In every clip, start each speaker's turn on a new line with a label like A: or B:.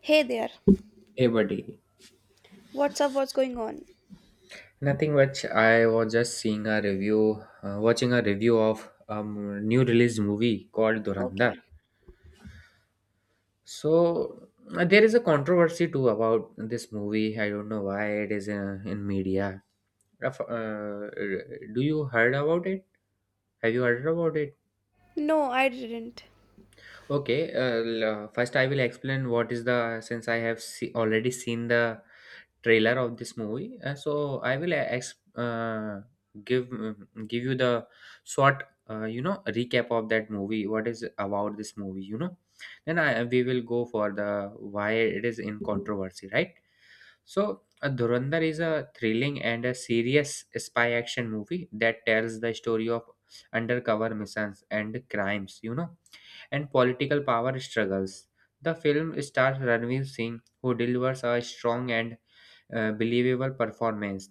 A: Hey there.
B: Hey buddy,
A: What's up? What's going on?
B: nothing much. I was just seeing a review, watching a review of a new released movie called Durandar.
A: Okay.
B: So there is a controversy too about this movie. I don't know why it is in media. Raf- Uh, do you heard about it? Have you heard about it?
A: No, I didn't.
B: Okay, first I will explain what is the since I have already seen the trailer of this movie. So I will give you the short recap of that movie. What is about this movie? Then I we will go for the why it is in controversy, right? So Dhurandhar is a thrilling and a serious spy action movie that tells the story of undercover missions and crimes. And political power struggles. The film stars Ranveer Singh, who delivers a strong and believable performance,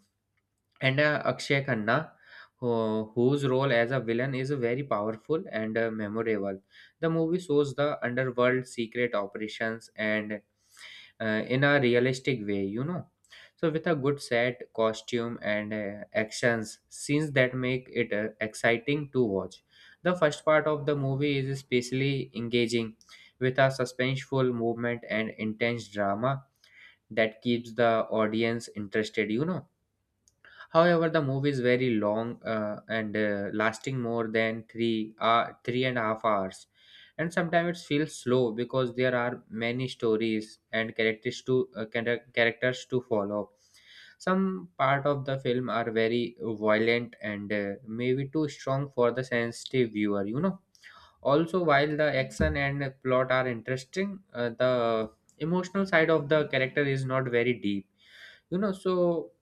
B: and Akshay Khanna, whose role as a villain is very powerful and memorable. The movie shows the underworld secret operations and in a realistic way, so with a good set costume and actions scenes that make it exciting to watch. The first part of the movie is especially engaging with a suspenseful movement and intense drama that keeps the audience interested. However, the movie is very long, and lasting more than 3.5 hours, and sometimes it feels slow because there are many stories and characters to follow. Some part of the film are very violent and maybe too strong for the sensitive viewer. Also, while the action and plot are interesting, the emotional side of the character is not very deep. So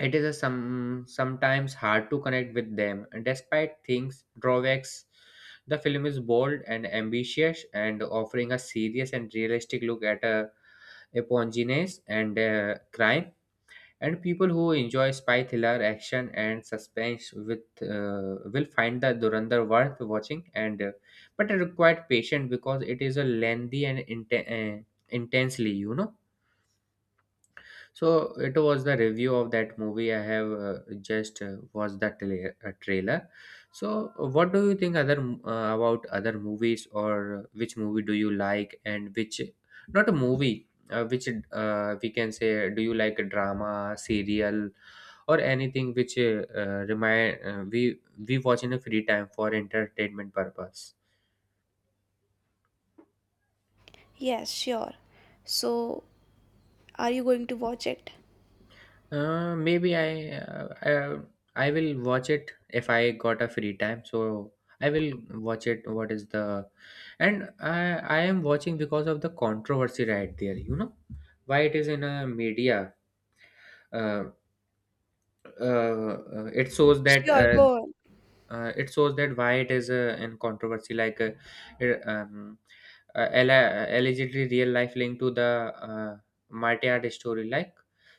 B: it is sometimes hard to connect with them. Despite things drawbacks, the film is bold and ambitious and offering a serious and realistic look at a eponginess and crime. And people who enjoy spy thriller, action, and suspense with will find the Durandar worth watching. And but it required patience because it is a lengthy and intensely. So it was the review of that movie. I have just watched the trailer. So what do you think about other movies, or which movie do you like, and which not a movie, which we can say, do you like a drama, serial, or anything which remind we watch in a free time for entertainment purpose?
A: Yes, sure. So, are you going to watch it?
B: Maybe I will watch it if I got a free time. So I will watch it. And I am watching because of the controversy right there. Why it is in a media. Uh, uh, uh, it shows that
A: Sure,
B: uh,
A: go on.
B: it shows that why it is in controversy, like it, um, allegedly real life linked to the uh, Martyard story. Like,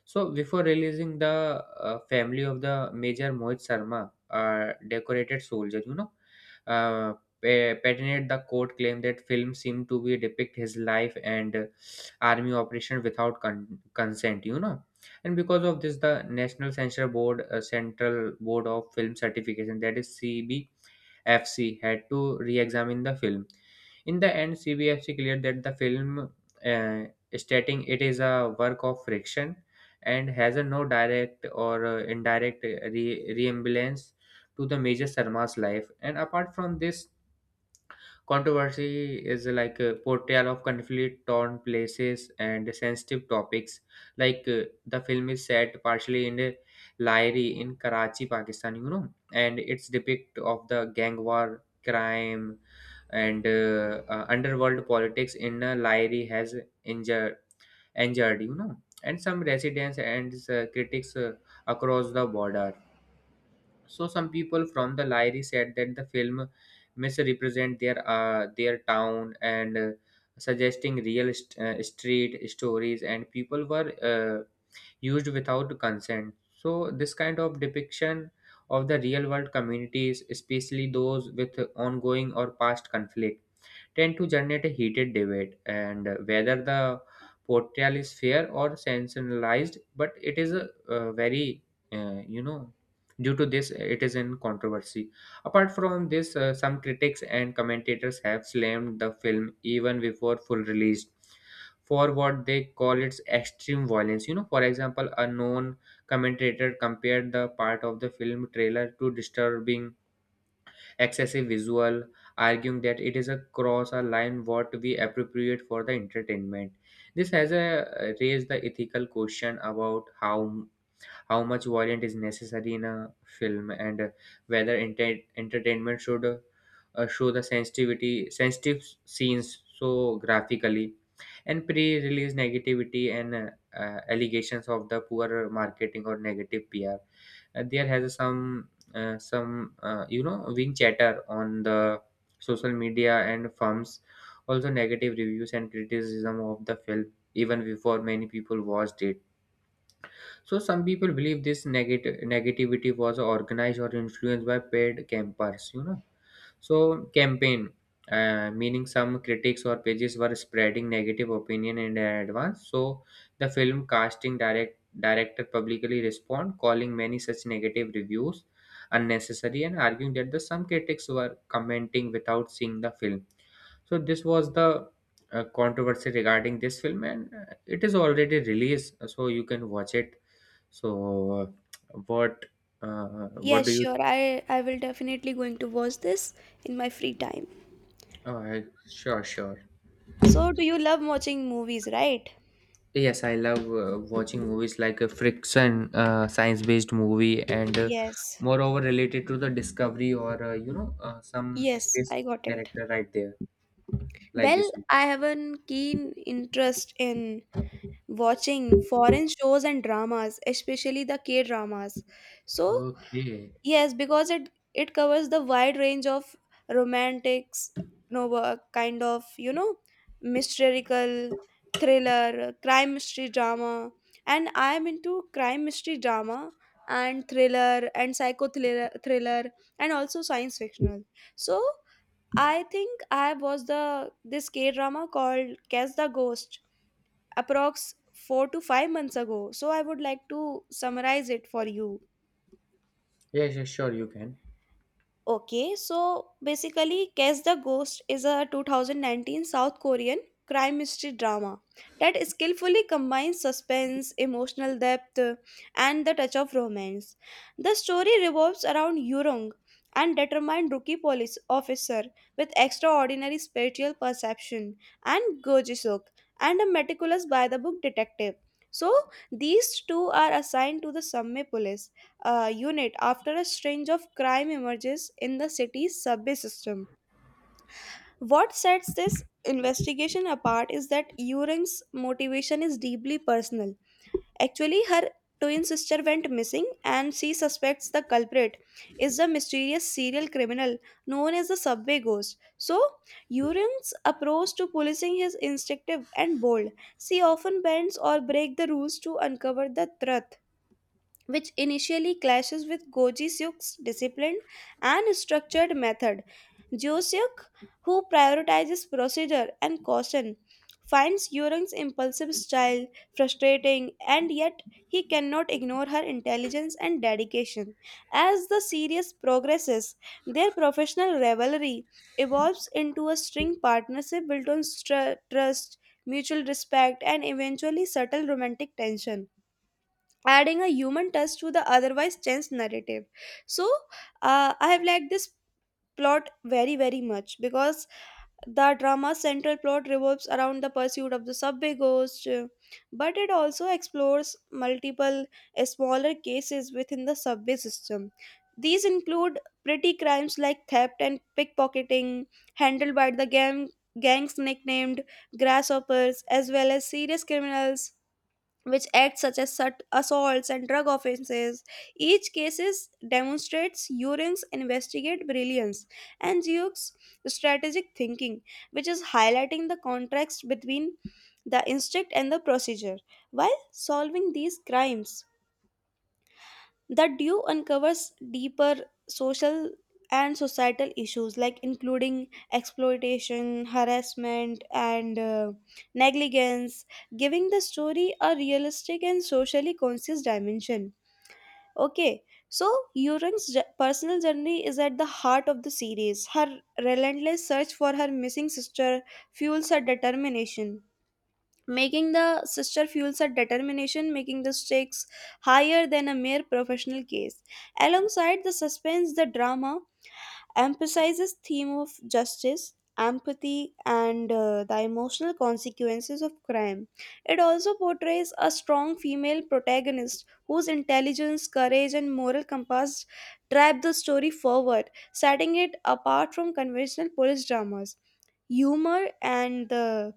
B: so before releasing, the family of the major Mohit Sharma, decorated soldier, uh, patented the court claim that film seemed to be depict his life, and army operation without consent. And because of this, the national censure board, central board of film certification, that is CBFC, had to re-examine the film. In the end, CBFC cleared that the film, uh, stating it is a work of friction and has a no direct or indirect resemblance to the major Sarma's life. And apart from this, controversy is like a portrayal of conflict torn places and sensitive topics. Like, the film is set partially in a Lahiri in Karachi, Pakistan, and it's depict of the gang war, crime, and underworld politics in Lahiri has injured, injured, and some residents and critics across the border. So some people from the Lyri said that the film misrepresent their town, and suggesting real street stories, and people were used without consent. So this kind of depiction of the real world communities, especially those with ongoing or past conflict, tend to generate a heated debate and whether the portrayal is fair or sensationalized, but it is very uh, you know Due to this, it is in controversy. Apart from this, some critics and commentators have slammed the film even before full release for what they call its extreme violence. For example, a known commentator compared the part of the film trailer to disturbing excessive visual, arguing that it is across a line what we appropriate for the entertainment. This has raised the ethical question about how much violence is necessary in a film, and whether entertainment should show the sensitivity sensitive scenes so graphically, and pre-release negativity, and allegations of the poor marketing or negative PR. There has some wing chatter on the social media and firms. Also negative reviews and criticism of the film, even before many people watched it. So some people believe this negative negativity was organized or influenced by paid campers. So campaign, meaning some critics or pages were spreading negative opinion in advance. So the film casting director publicly respond, calling many such negative reviews unnecessary, and arguing that the some critics were commenting without seeing the film. So this was the controversy regarding this film, and it is already released, so you can watch it. So, uh, what uh, what
A: Yes,
B: do you?
A: sure. I will definitely going to watch this in my free time.
B: Oh, sure, sure.
A: So, do you love watching movies, right?
B: Yes, I love watching movies like a friction, science-based movie, and
A: Yes.
B: moreover related to the discovery, or some
A: Yes,
B: space
A: I got it.
B: character right there, like
A: Well,
B: this one.
A: I have a keen interest in watching foreign shows and dramas, especially the K-dramas. So,
B: Okay.
A: yes, because it covers the wide range of romantics, novel, kind of, mystical, thriller, crime mystery drama, and I am into crime mystery drama and thriller and psycho thriller, thriller and also science fictional. So I think I was the this K drama called Catch the Ghost, approx 4 to 5 months ago. So I would like to summarize it for you.
B: Yes, yes, sure, you can.
A: Okay, so basically, Catch the Ghost is a 2019 South Korean crime mystery drama that skillfully combines suspense, emotional depth, and the touch of romance. The story revolves around Yurong, an determined rookie police officer with extraordinary spiritual perception, and Go ji and a meticulous by-the-book detective. So, these two are assigned to the Samme Police unit after a string of crime emerges in the city's subway system. What sets this investigation apart is that Euring's motivation is deeply personal. Actually, her twin sister went missing, and she suspects the culprit is the mysterious serial criminal known as the subway ghost. So, Euring's approach to policing is instinctive and bold. She often bends or breaks the rules to uncover the truth, which initially clashes with Goji Seok's disciplined and structured method. Jo Seok, who prioritizes procedure and caution, finds Yurung's impulsive style frustrating, and yet he cannot ignore her intelligence and dedication. As the series progresses, their professional rivalry evolves into a string partnership built on trust, mutual respect, and eventually subtle romantic tension, adding a human touch to the otherwise tense narrative. So I have liked this plot very very much, because the drama's central plot revolves around the pursuit of the subway ghost, but it also explores multiple smaller cases within the subway system. These include petty crimes like theft and pickpocketing handled by the gangs nicknamed grasshoppers, as well as serious criminals which acts such as assaults and drug offenses. Each cases demonstrates Euring's investigate brilliance and Ziyuk's strategic thinking, which is highlighting the contrast between the instinct and the procedure. While solving these crimes, the due uncovers deeper social and societal issues like including exploitation, harassment, and negligence, giving the story a realistic and socially conscious dimension. Okay, so Yurang's personal journey is at the heart of the series. Her relentless search for her missing sister fuels her determination, making the stakes higher than a mere professional case. Alongside the suspense, the drama emphasizes theme of justice, empathy, and the emotional consequences of crime. It also portrays a strong female protagonist whose intelligence, courage, and moral compass drive the story forward, setting it apart from conventional police dramas. Humor and the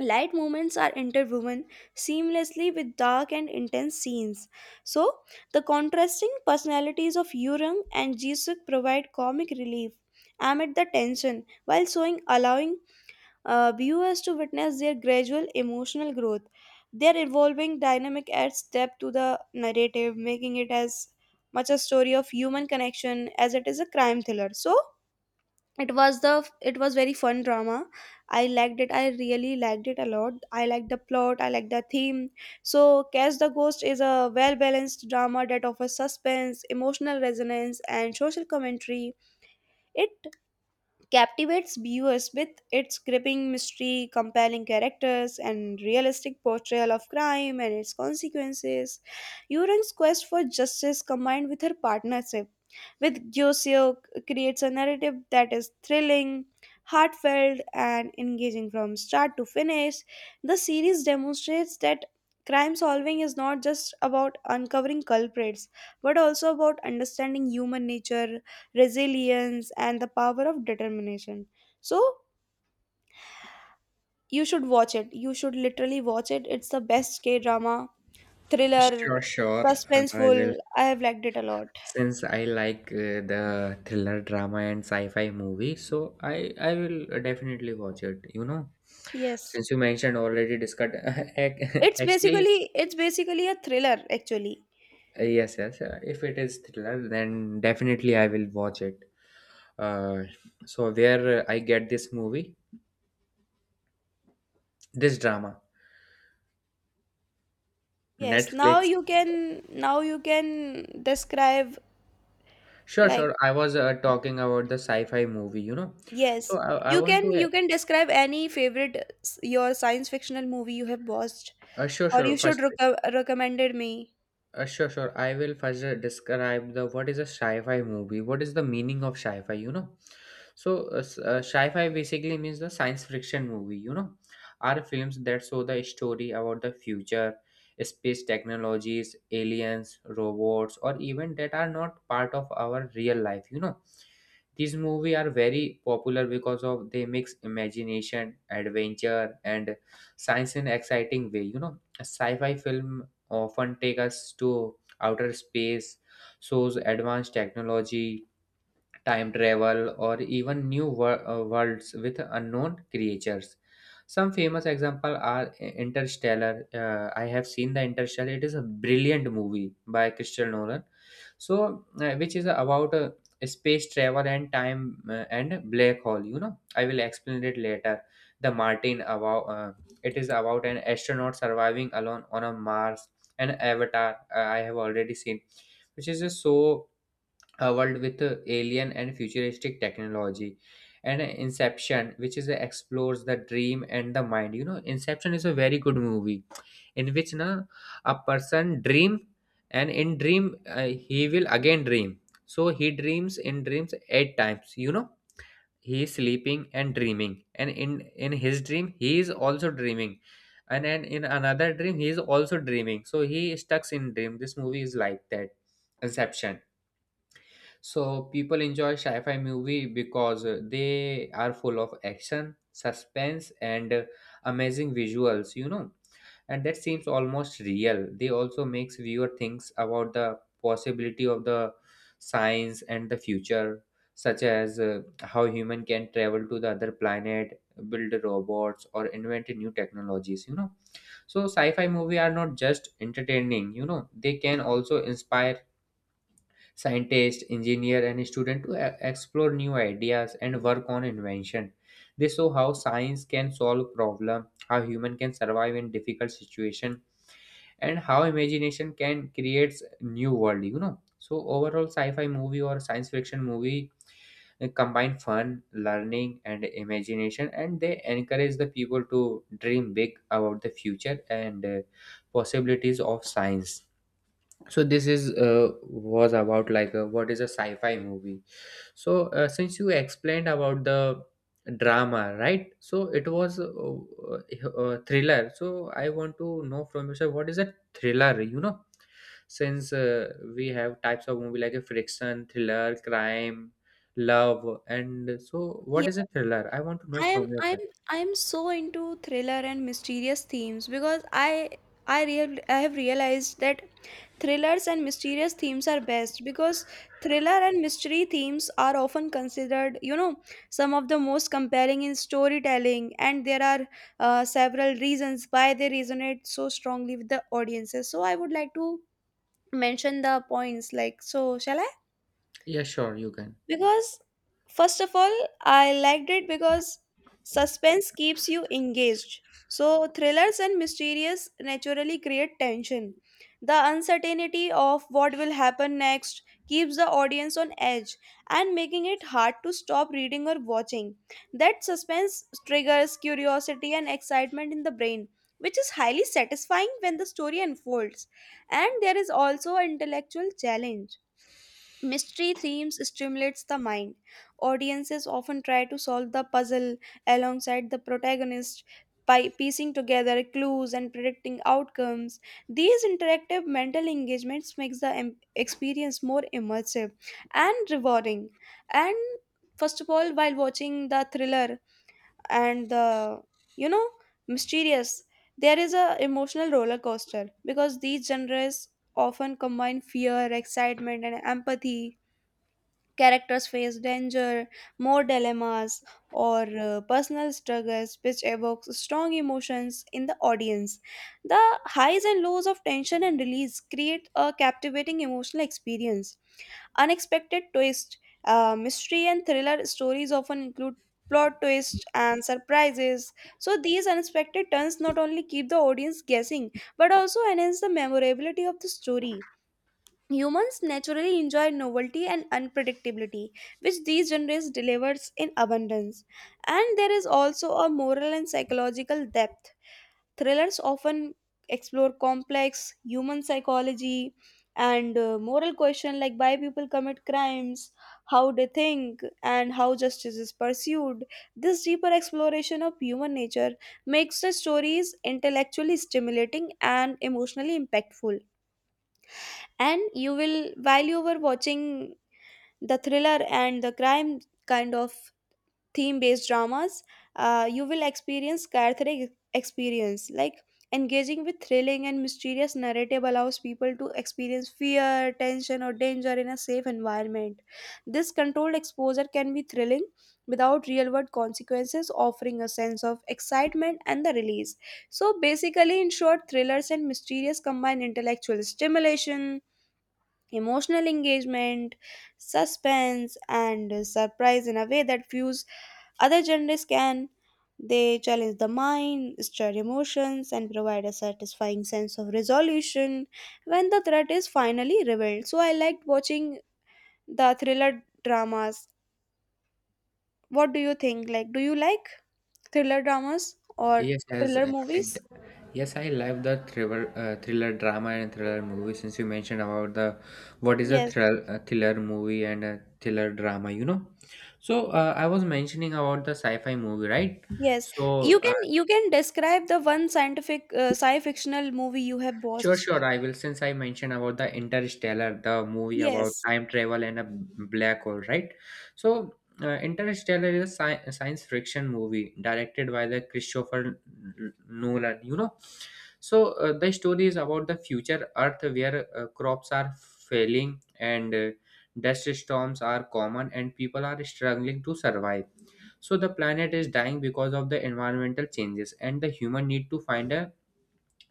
A: light movements are interwoven seamlessly with dark and intense scenes. So, the contrasting personalities of Yurung and Jisuk provide comic relief amid the tension, while showing allowing viewers to witness their gradual emotional growth. Their evolving dynamic adds depth to the narrative, making it as much a story of human connection as it is a crime thriller. So, it was the it was very fun drama. I liked it. I really liked it a lot. I liked the plot, I liked the theme. So Catch the Ghost is a well balanced drama that offers suspense, emotional resonance, and social commentary. It captivates viewers with its gripping mystery, compelling characters, and realistic portrayal of crime and its consequences. Yurang's quest for justice, combined with her partnership with Josio, creates a narrative that is thrilling, heartfelt, and engaging from start to finish. The series demonstrates that crime solving is not just about uncovering culprits, but also about understanding human nature, resilience, and the power of determination. So, you should watch it. You should literally watch it. It's the best K drama, thriller,
B: Sure, sure. I will.
A: suspenseful. I have liked it a lot.
B: Since I like the thriller, drama, and sci-fi movie, so I will definitely watch it.
A: Yes.
B: Since you mentioned already discussed,
A: It's
B: actually,
A: basically, it's basically a thriller actually.
B: yes, yes. If it is thriller, then definitely I will watch it. Uh, so where I get this movie, this drama,
A: Yes, now
B: Netflix.
A: you can, now you can describe
B: Sure,
A: like,
B: sure. I was talking about the sci-fi movie,
A: yes.
B: So I
A: You
B: want
A: can, you
B: to.
A: can describe any favorite your science fictional movie you have watched,
B: Sure,
A: or
B: sure.
A: you should
B: First,
A: recommended me.
B: Sure, sure. I will first describe the what is a sci-fi movie. What is the meaning of sci-fi? Sci-fi basically means the science fiction movie. Are films that show the story about the future, space technologies, aliens, robots, or even that are not part of our real life. These movies are very popular because of they mix imagination, adventure, and science in exciting way. A sci-fi film often take us to outer space, shows advanced technology, time travel, or even new worlds with unknown creatures. Some famous examples are Interstellar. I have seen the Interstellar. It is a brilliant movie by Christopher Nolan, which is about space travel and time and black hole. I will explain it later. The Martin, about, it is about an astronaut surviving alone on a Mars. An Avatar, I have already seen, which is just so a world with alien and futuristic technology. And Inception, which is explores the dream and the mind. Inception is a very good movie, in which a person dream, and in dream he will again dream. So he dreams in dreams 8 times. He is sleeping and dreaming, and in his dream he is also dreaming, and then in another dream he is also dreaming, so he is stuck in dream. This movie is like that, Inception. So people enjoy sci-fi movie because they are full of action, suspense, and amazing visuals. And that seems almost real. They also makes viewer thinks about the possibility of the science and the future, such as how human can travel to the other planet, build robots, or invent new technologies. So sci-fi movie are not just entertaining. They can also inspire scientist, engineer, and student to explore new ideas and work on invention. They show how science can solve problem, how human can survive in difficult situation, and how imagination can create new world. You know, so overall, sci-fi movie or science fiction movie combine fun, learning, and imagination, and they encourage the people to dream big about the future and possibilities of science. So this is was about, like, what is a sci-fi movie. So since you explained about the drama, right? So it was thriller. So I want to know from you, sir, what is a thriller. Since we have types of movie like a friction, thriller, crime, love, and so what is a thriller? I want to know
A: I am
B: from your
A: I'm
B: side.
A: I'm so into thriller and mysterious themes, because I real I have realized that thrillers and mysterious themes are best, because thriller and mystery themes are often considered, you know, some of the most compelling in storytelling, and there are several reasons why they resonate so strongly with the audiences. So I would like to mention the points like, so shall I,
B: Yeah, sure, you can.
A: because, first of all, I liked it because suspense keeps you engaged. So, thrillers and mysterious naturally create tension. The uncertainty of what will happen next keeps the audience on edge and making it hard to stop reading or watching. That suspense triggers curiosity and excitement in the brain, which is highly satisfying when the story unfolds. And there is also an intellectual challenge. Mystery themes stimulates the mind. Audiences often try to solve the puzzle alongside the protagonist by piecing together clues and predicting outcomes. These interactive mental engagements makes the experience more immersive and rewarding. And first of all, while watching the thriller and the, you know, mysterious, there is a emotional roller coaster, because these genres often combine fear, excitement, and empathy. Characters face danger, more dilemmas, or personal struggles, which evokes strong emotions in the audience. The highs and lows of tension and release create a captivating emotional experience. Unexpected twist, mystery, and thriller stories often include plot twists and surprises. So these unexpected turns not only keep the audience guessing but also enhance the memorability of the story. Humans naturally enjoy novelty and unpredictability, which these genres delivers in abundance. And there is also a moral and psychological depth. Thrillers often explore complex human psychology and moral questions, like why people commit crimes, how they think, and how justice is pursued. This deeper exploration of human nature makes the stories intellectually stimulating and emotionally impactful. And you will, while you were watching the thriller and the crime kind of theme based dramas, you will experience cathartic experience, like engaging with thrilling and mysterious narrative allows people to experience fear, tension, or danger in a safe environment. This controlled exposure can be thrilling without real world consequences, offering a sense of excitement and the release. So basically, in short, thrillers and mysterious combine intellectual stimulation, emotional engagement, suspense, and surprise in a way that few other genres can. They challenge the mind, stir emotions, and provide a satisfying sense of resolution when the threat is finally revealed. So I liked watching the thriller dramas. What do you think? Like, do you like thriller dramas or
B: yes as
A: thriller
B: i
A: movies?
B: Yes, I love the thriller drama and thriller movie. Since you mentioned about the what is a
A: Yes.
B: thriller movie and a thriller drama. So I was mentioning about the sci-fi movie, right?
A: Yes,
B: So
A: you
B: uh,
A: can, you can describe the one scientific sci-fictional movie you have
B: Sure,
A: watched.
B: sure. I will. Since I mentioned about the Interstellar, the movie about
A: Yes.
B: time travel and a black hole, right? So, Interstellar is a science fiction movie directed by the Christopher Nolan. So the story is about the future Earth where crops are failing, and dust storms are common, and people are struggling to survive. So the planet is dying because of the environmental changes, and the human need to find a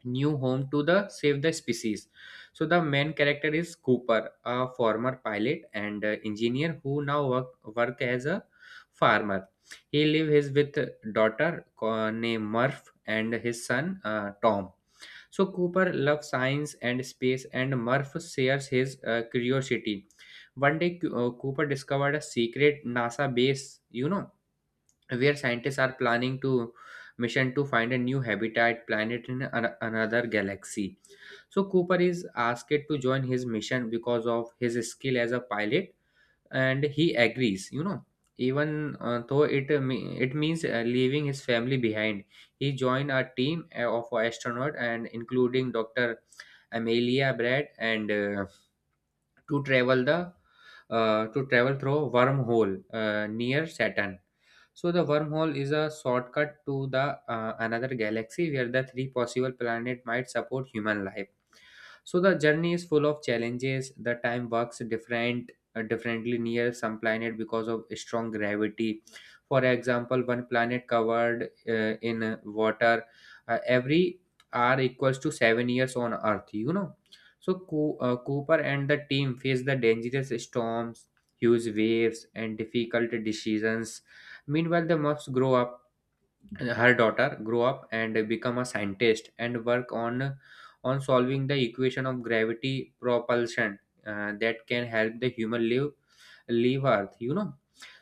B: new home to the save the species. So the main character is Cooper, a former pilot and engineer who now work as a farmer. He lives his with daughter named Murph and his son Tom. So Cooper loves science and space, and Murph shares his curiosity. One day, Cooper discovered a secret NASA base, where scientists are planning to mission to find a new habitat planet in another galaxy. So Cooper is asked to join his mission because of his skill as a pilot, and he agrees, even though it means leaving his family behind. He joined a team of astronaut and including Dr. Amelia Brad, and to travel the to travel through wormhole near Saturn. So the wormhole is a shortcut to the another galaxy where the three possible planet might support human life. So the journey is full of challenges. The time works differently near some planet because of strong gravity. For example, one planet covered in water, every hour equals to 7 years on Earth. So Cooper and the team face the dangerous storms, huge waves, and difficult decisions. Meanwhile, the moths grow up her daughter grow up and become a scientist and work on solving the equation of gravity propulsion that can help the human live leave earth.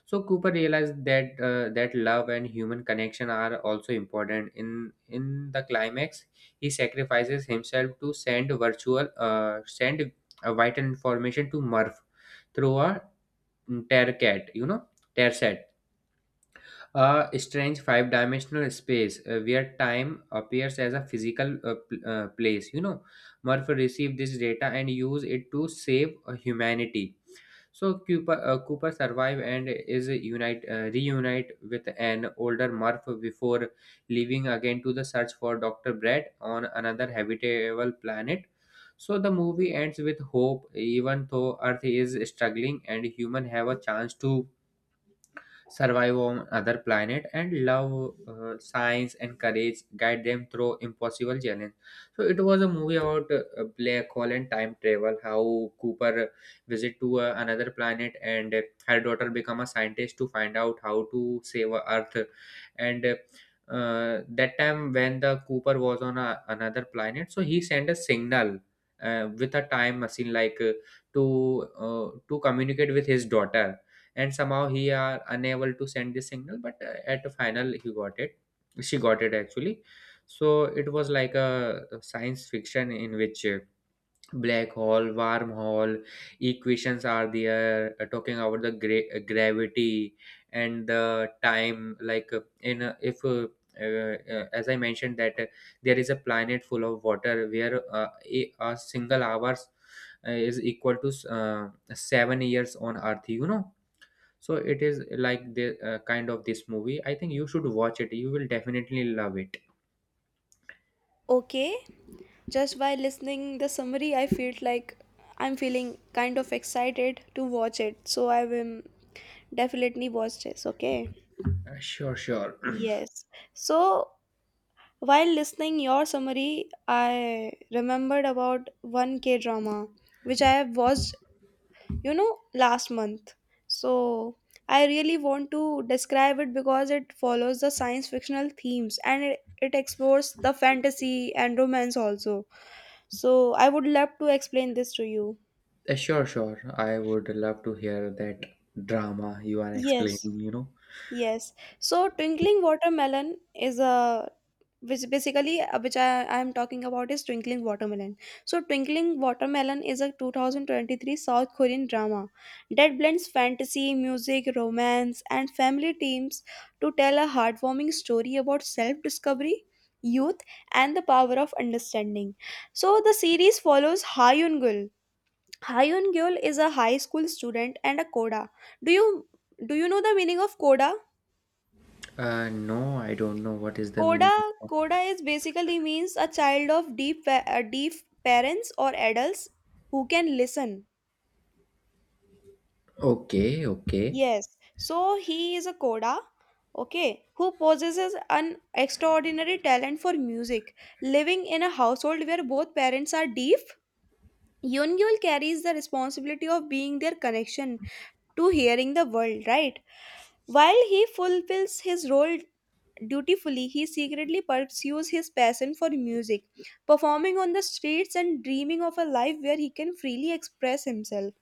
B: So Cooper realized that love and human connection are also important in the climax. He sacrifices himself to send a vital information to Murph through a tear cat. Tearset, a strange five dimensional space where time appears as a physical place. Murphy received this data and used it to save humanity. So Cooper survive and is unite reunite with an older Murph before leaving again to the search for Doctor Brett on another habitable planet. So the movie ends with hope, even though Earth is struggling and human have a chance to survive on other planet, and love science and courage guide them through impossible challenge. So it was a movie about black hole and time travel, how Cooper visit to another planet, and her daughter become a scientist to find out how to save earth. And that time when the Cooper was on another planet, so he sent a signal with a time machine, like, to communicate with his daughter. And somehow he are unable to send the signal, but at the final he got it. She got it, actually. So it was like a science fiction in which black hole, wormhole, equations are there, talking about the gravity and the time, like, in if as I mentioned that, there is a planet full of water where a single hours is equal to 7 years on earth. So it is like the kind of this movie. I think you should watch it. You will definitely love it.
A: Okay, just by listening the summary, I felt like I'm feeling kind of excited to watch it. So I will definitely watch this. Okay.
B: Sure, sure.
A: Yes. So while listening your summary, I remembered about one K drama which I have watched, you know, last month. So I really want to describe it because it follows the science fictional themes, and it explores the fantasy and romance also. So I would love to explain this to you.
B: Sure, sure. I would love to hear that drama you are
A: Yes,
B: explaining.
A: yes. So twinkling watermelon is a which basically, which I am talking about is twinkling watermelon. So twinkling watermelon is a 2023 South Korean drama that blends fantasy, music, romance, and family themes to tell a heartwarming story about self-discovery, youth, and the power of understanding. So the series follows Ha Yoon-gul. Hyun Gyul is a high school student and a coda. Do you know the meaning of coda?
B: No, I don't know what is the meaning
A: Coda
B: of.
A: coda is basically means a child of deaf parents or adults who can listen.
B: Okay, okay.
A: Yes. So he is a coda, okay, who possesses an extraordinary talent for music. Living in a household where both parents are deaf, Yun Yul carries the responsibility of being their connection to hearing the world, right? While he fulfills his role dutifully, he secretly pursues his passion for music, performing on the streets and dreaming of a life where he can freely express himself.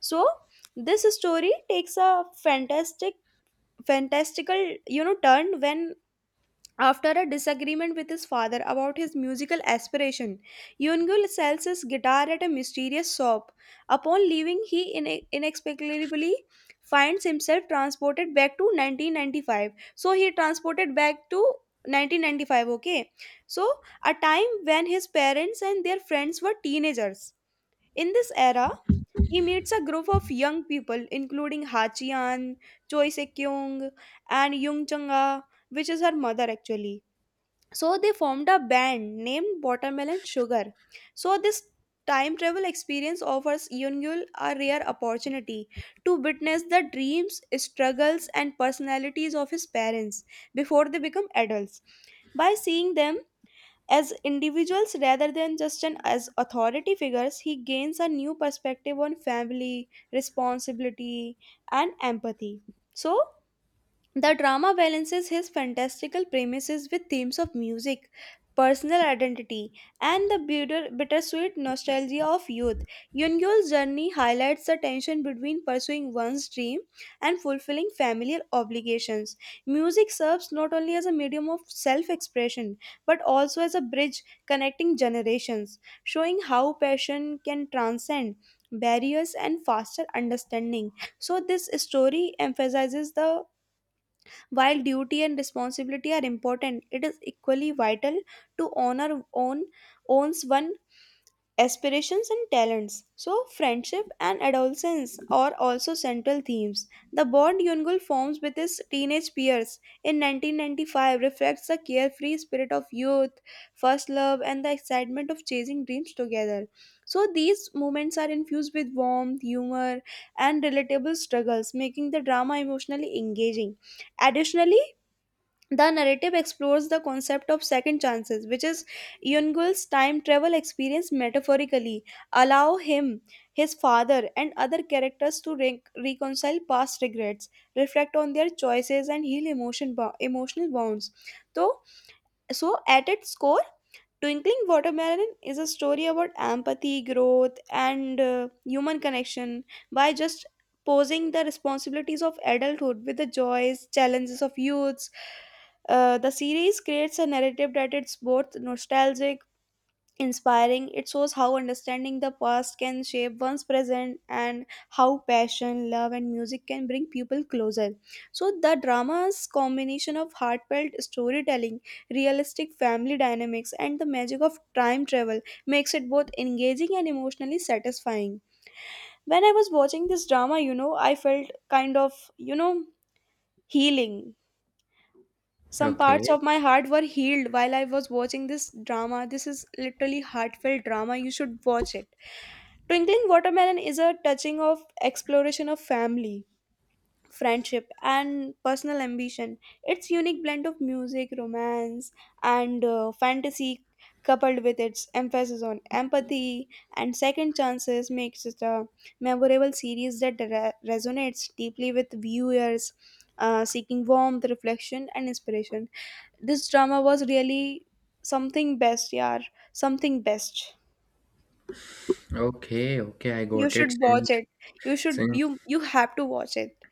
A: So, this story takes a fantastical, you know, turn when, after a disagreement with his father about his musical aspiration, Yungul sells his guitar at a mysterious shop. Upon leaving, he inexplicably finds himself transported back to 1995. So he transported back to 1995, okay? So, a time when his parents and their friends were teenagers. In this era, he meets a group of young people including Hachian, Choi Sekyung, and Yung Changa, which is her mother actually, so they formed a band named Watermelon Sugar. So this time travel experience offers Yungul a rare opportunity to witness the dreams, struggles, and personalities of his parents before they become adults. By seeing them as individuals rather than just as authority figures, he gains a new perspective on family, responsibility, and empathy. So the drama balances his fantastical premises with themes of music, personal identity, and the bittersweet nostalgia of youth. Yoon Gyul's journey highlights the tension between pursuing one's dream and fulfilling familial obligations. Music serves not only as a medium of self expression but also as a bridge connecting generations, showing how passion can transcend barriers and foster understanding. So this story emphasizes the while duty and responsibility are important, it is equally vital to honor own owns one aspirations and talents. So friendship and adolescence are also central themes. The bond Yungul forms with his teenage peers in 1995 reflects the carefree spirit of youth, first love, and the excitement of chasing dreams together. So these moments are infused with warmth, humor, and relatable struggles, making the drama emotionally engaging. Additionally, the narrative explores the concept of second chances, which is Yungul's time travel experience metaphorically, allow him, his father, and other characters to reconcile past regrets, reflect on their choices, and heal emotional bonds. So, so, at its core, Twinkling Watermelon is a story about empathy, growth, and human connection by just posing the responsibilities of adulthood with the joys, challenges of youths. The series creates a narrative that is both nostalgic inspiring. It shows how understanding the past can shape one's present and how passion, love, and music can bring people closer. So, the drama's combination of heartfelt storytelling, realistic family dynamics, and the magic of time travel makes it both engaging and emotionally satisfying. When I was watching this drama, you know, I felt kind of, you know, healing, some parts
B: Okay,
A: of my heart were healed while I was watching this drama. This is literally heartfelt drama. You should watch it. Twinkling Watermelon is a touching of exploration of family, friendship, and personal ambition. Its unique blend of music, romance, and fantasy, coupled with its emphasis on empathy and second chances, makes it a memorable series that resonates deeply with viewers seeking warmth, reflection, and inspiration. This drama was really something best, yeah, something best.
B: okay, okay, I
A: You
B: got it.
A: should watch it. You should,
B: Since
A: you have to watch it.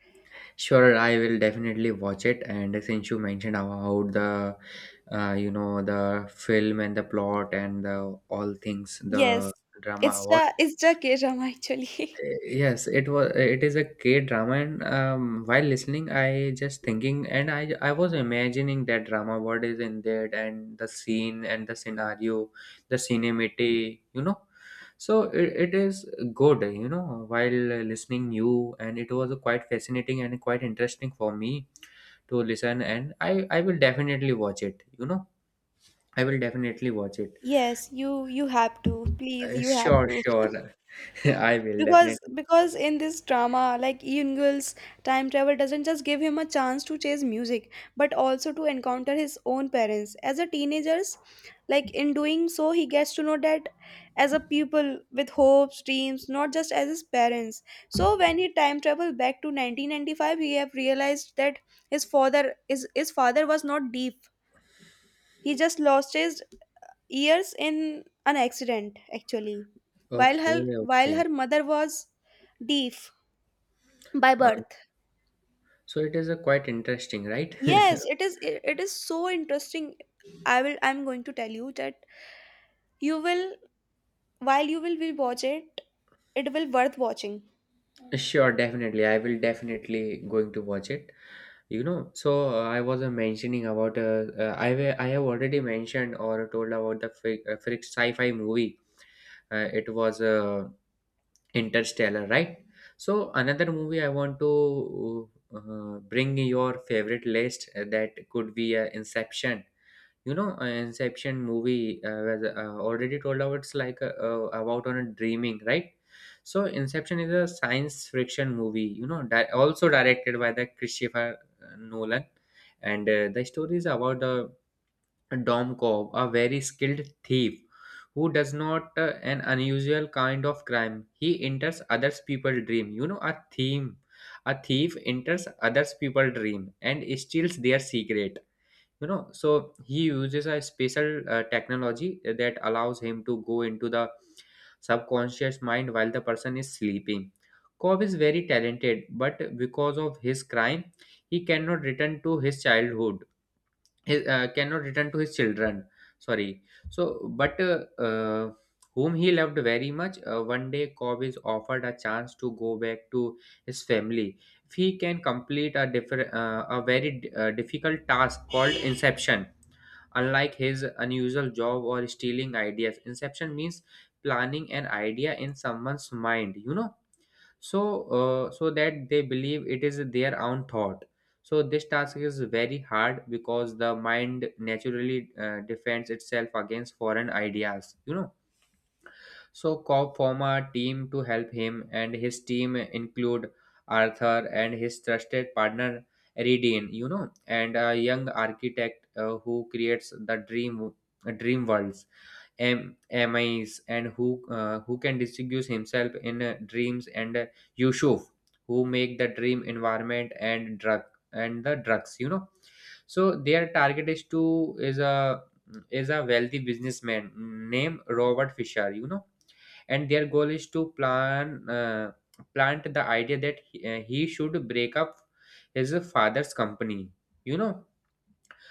B: sure, I will definitely watch it. And since you mentioned about the uh, you know the film and the plot and the all things,
A: Yes,
B: the drama
A: it's
B: about.
A: the K-drama actually.
B: Yes, it was. It is a K drama, and while listening, I just thinking, and I was imagining that drama. What is in that, and the scene, and the scenario, the cinematic. So it is good. While listening you, and it was quite fascinating and quite interesting for me to listen. And I will definitely watch it. I will definitely watch it.
A: Yes, you have to. Please, you have
B: Sure,
A: to.
B: sure. I will
A: Because
B: definitely.
A: because in this drama, like Eun, time travel doesn't just give him a chance to chase music, but also to encounter his own parents. As a teenagers, like in doing so, he gets to know that as a pupil with hopes, dreams, not just as his parents. So when he time travel back to 1995, he have realized that his father was not deep. He just lost his ears in an accident, actually, while
B: Okay,
A: her while
B: okay.
A: her mother was deaf by
B: Uh,
A: birth.
B: So it is a quite interesting, right?
A: Yes, it is. It is so interesting. I will. I'm going to tell you that you will while you will watch it. It will worth watching.
B: Sure, definitely. I will definitely going to watch it. I was mentioning about I have already mentioned or told about the fi- frick sci-fi movie. It was Interstellar, right? So another movie I want to bring your favorite list, that could be Inception. Inception movie was already told how it's like, about on a dreaming, right? So Inception is a science fiction movie, also directed by the Christopher Nolan. And the story is about the Dom Cobb, a very skilled thief who does not an unusual kind of crime. He enters others people dream, a thief enters others people dream and steals their secret. So he uses a special technology that allows him to go into the subconscious mind while the person is sleeping. Cobb is very talented, but because of his crime he cannot return to his childhood, cannot return to his children. Sorry. So but uh, whom he loved very much. One day, Cobb is offered a chance to go back to his family if he can complete a very difficult task called inception. Unlike his unusual job or stealing ideas, inception means planning an idea in someone's mind, so that they believe it is their own thought. So this task is very hard because the mind naturally defends itself against foreign ideas, so Cobb formed a team to help him, and his team include Arthur and his trusted partner Eridan, and a young architect who creates the dream worlds. MIs and who can distinguish himself in dreams, and Yusuf, who make the dream environment and drugs, so their target is a wealthy businessman named Robert Fisher, and their goal is to plant the idea that he should break up his father's company, you know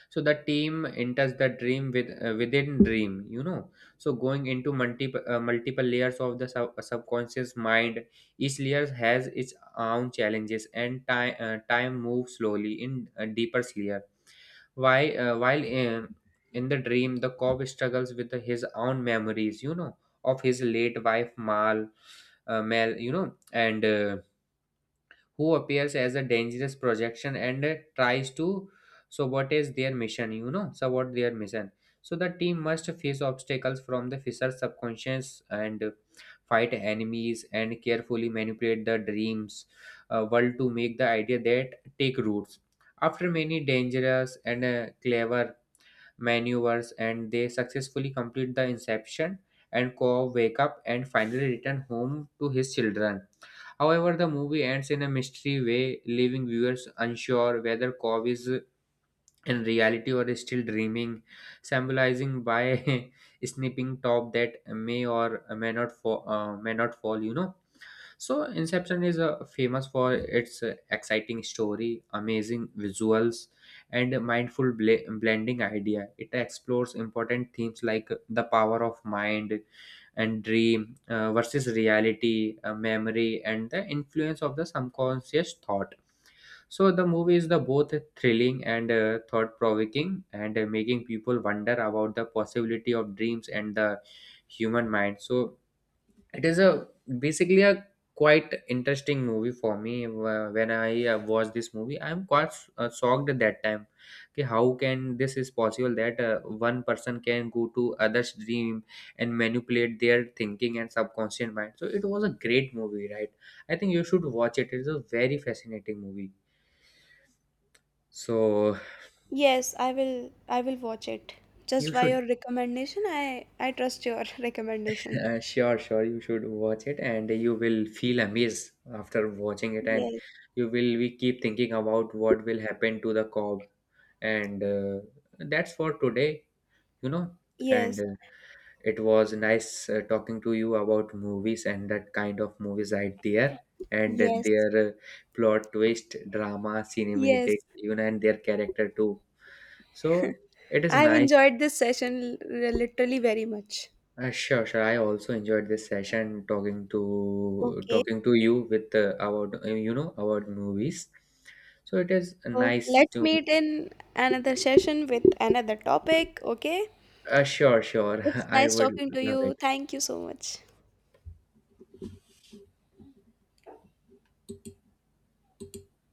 B: so the team enters the dream within dream, so going into multiple layers of the subconscious mind. Each layer has its own challenges, and time moves slowly in a deeper layer. Why While in the dream, the cop struggles with his own memories, of his late wife mal Mel, and who appears as a dangerous projection and tries to sabotage their mission, sabotage their mission. So the team must face obstacles from the Fisher's subconscious and fight enemies and carefully manipulate the dreams world to make the idea that take roots. After many dangerous and clever maneuvers, and they successfully complete the inception, and Ko wake up and finally return home to his children. However, the movie ends in a mystery way, leaving viewers unsure whether Cobb is in reality or is still dreaming, symbolizing by snipping top that may not fall. So, Inception is famous for its exciting story, amazing visuals, and mindful blending idea. It explores important themes like the power of mind and dream versus reality, memory, and the influence of the subconscious thought. So, the movie is the both thrilling and thought-provoking, and making people wonder about the possibility of dreams and the human mind. So, it is a basically a quite interesting movie for me. When I watched this movie, I am quite shocked at that time. Okay, how can this is possible that one person can go to others' dream and manipulate their thinking and subconscious mind? So it was a great movie, right? I think you should watch it. It is a very fascinating movie. So
A: Yes, I will. I will watch it. Just
B: you
A: by
B: should.
A: your recommendation, I trust your recommendation.
B: Sure, sure. You should watch it, and you will feel amazed after watching it, and
A: Yes.
B: you will we keep thinking about what will happen to the Cob, and that's for today, you know. And
A: Yes.
B: it was nice talking to you about movies and that kind of movies right there, and
A: Yes.
B: their plot twist, drama, cinematic,
A: Yes.
B: and their character too. So it is
A: I've
B: nice.
A: enjoyed this session literally very much.
B: Sure, sure. I also enjoyed this session talking to
A: Okay,
B: talking to you with about about movies. So it is
A: so
B: nice
A: let's
B: to meet
A: meet
B: you.
A: in another session with another topic. Okay,
B: Sure, sure.
A: it's
B: I
A: nice
B: would
A: talking to
B: love
A: you.
B: it.
A: Thank you so much.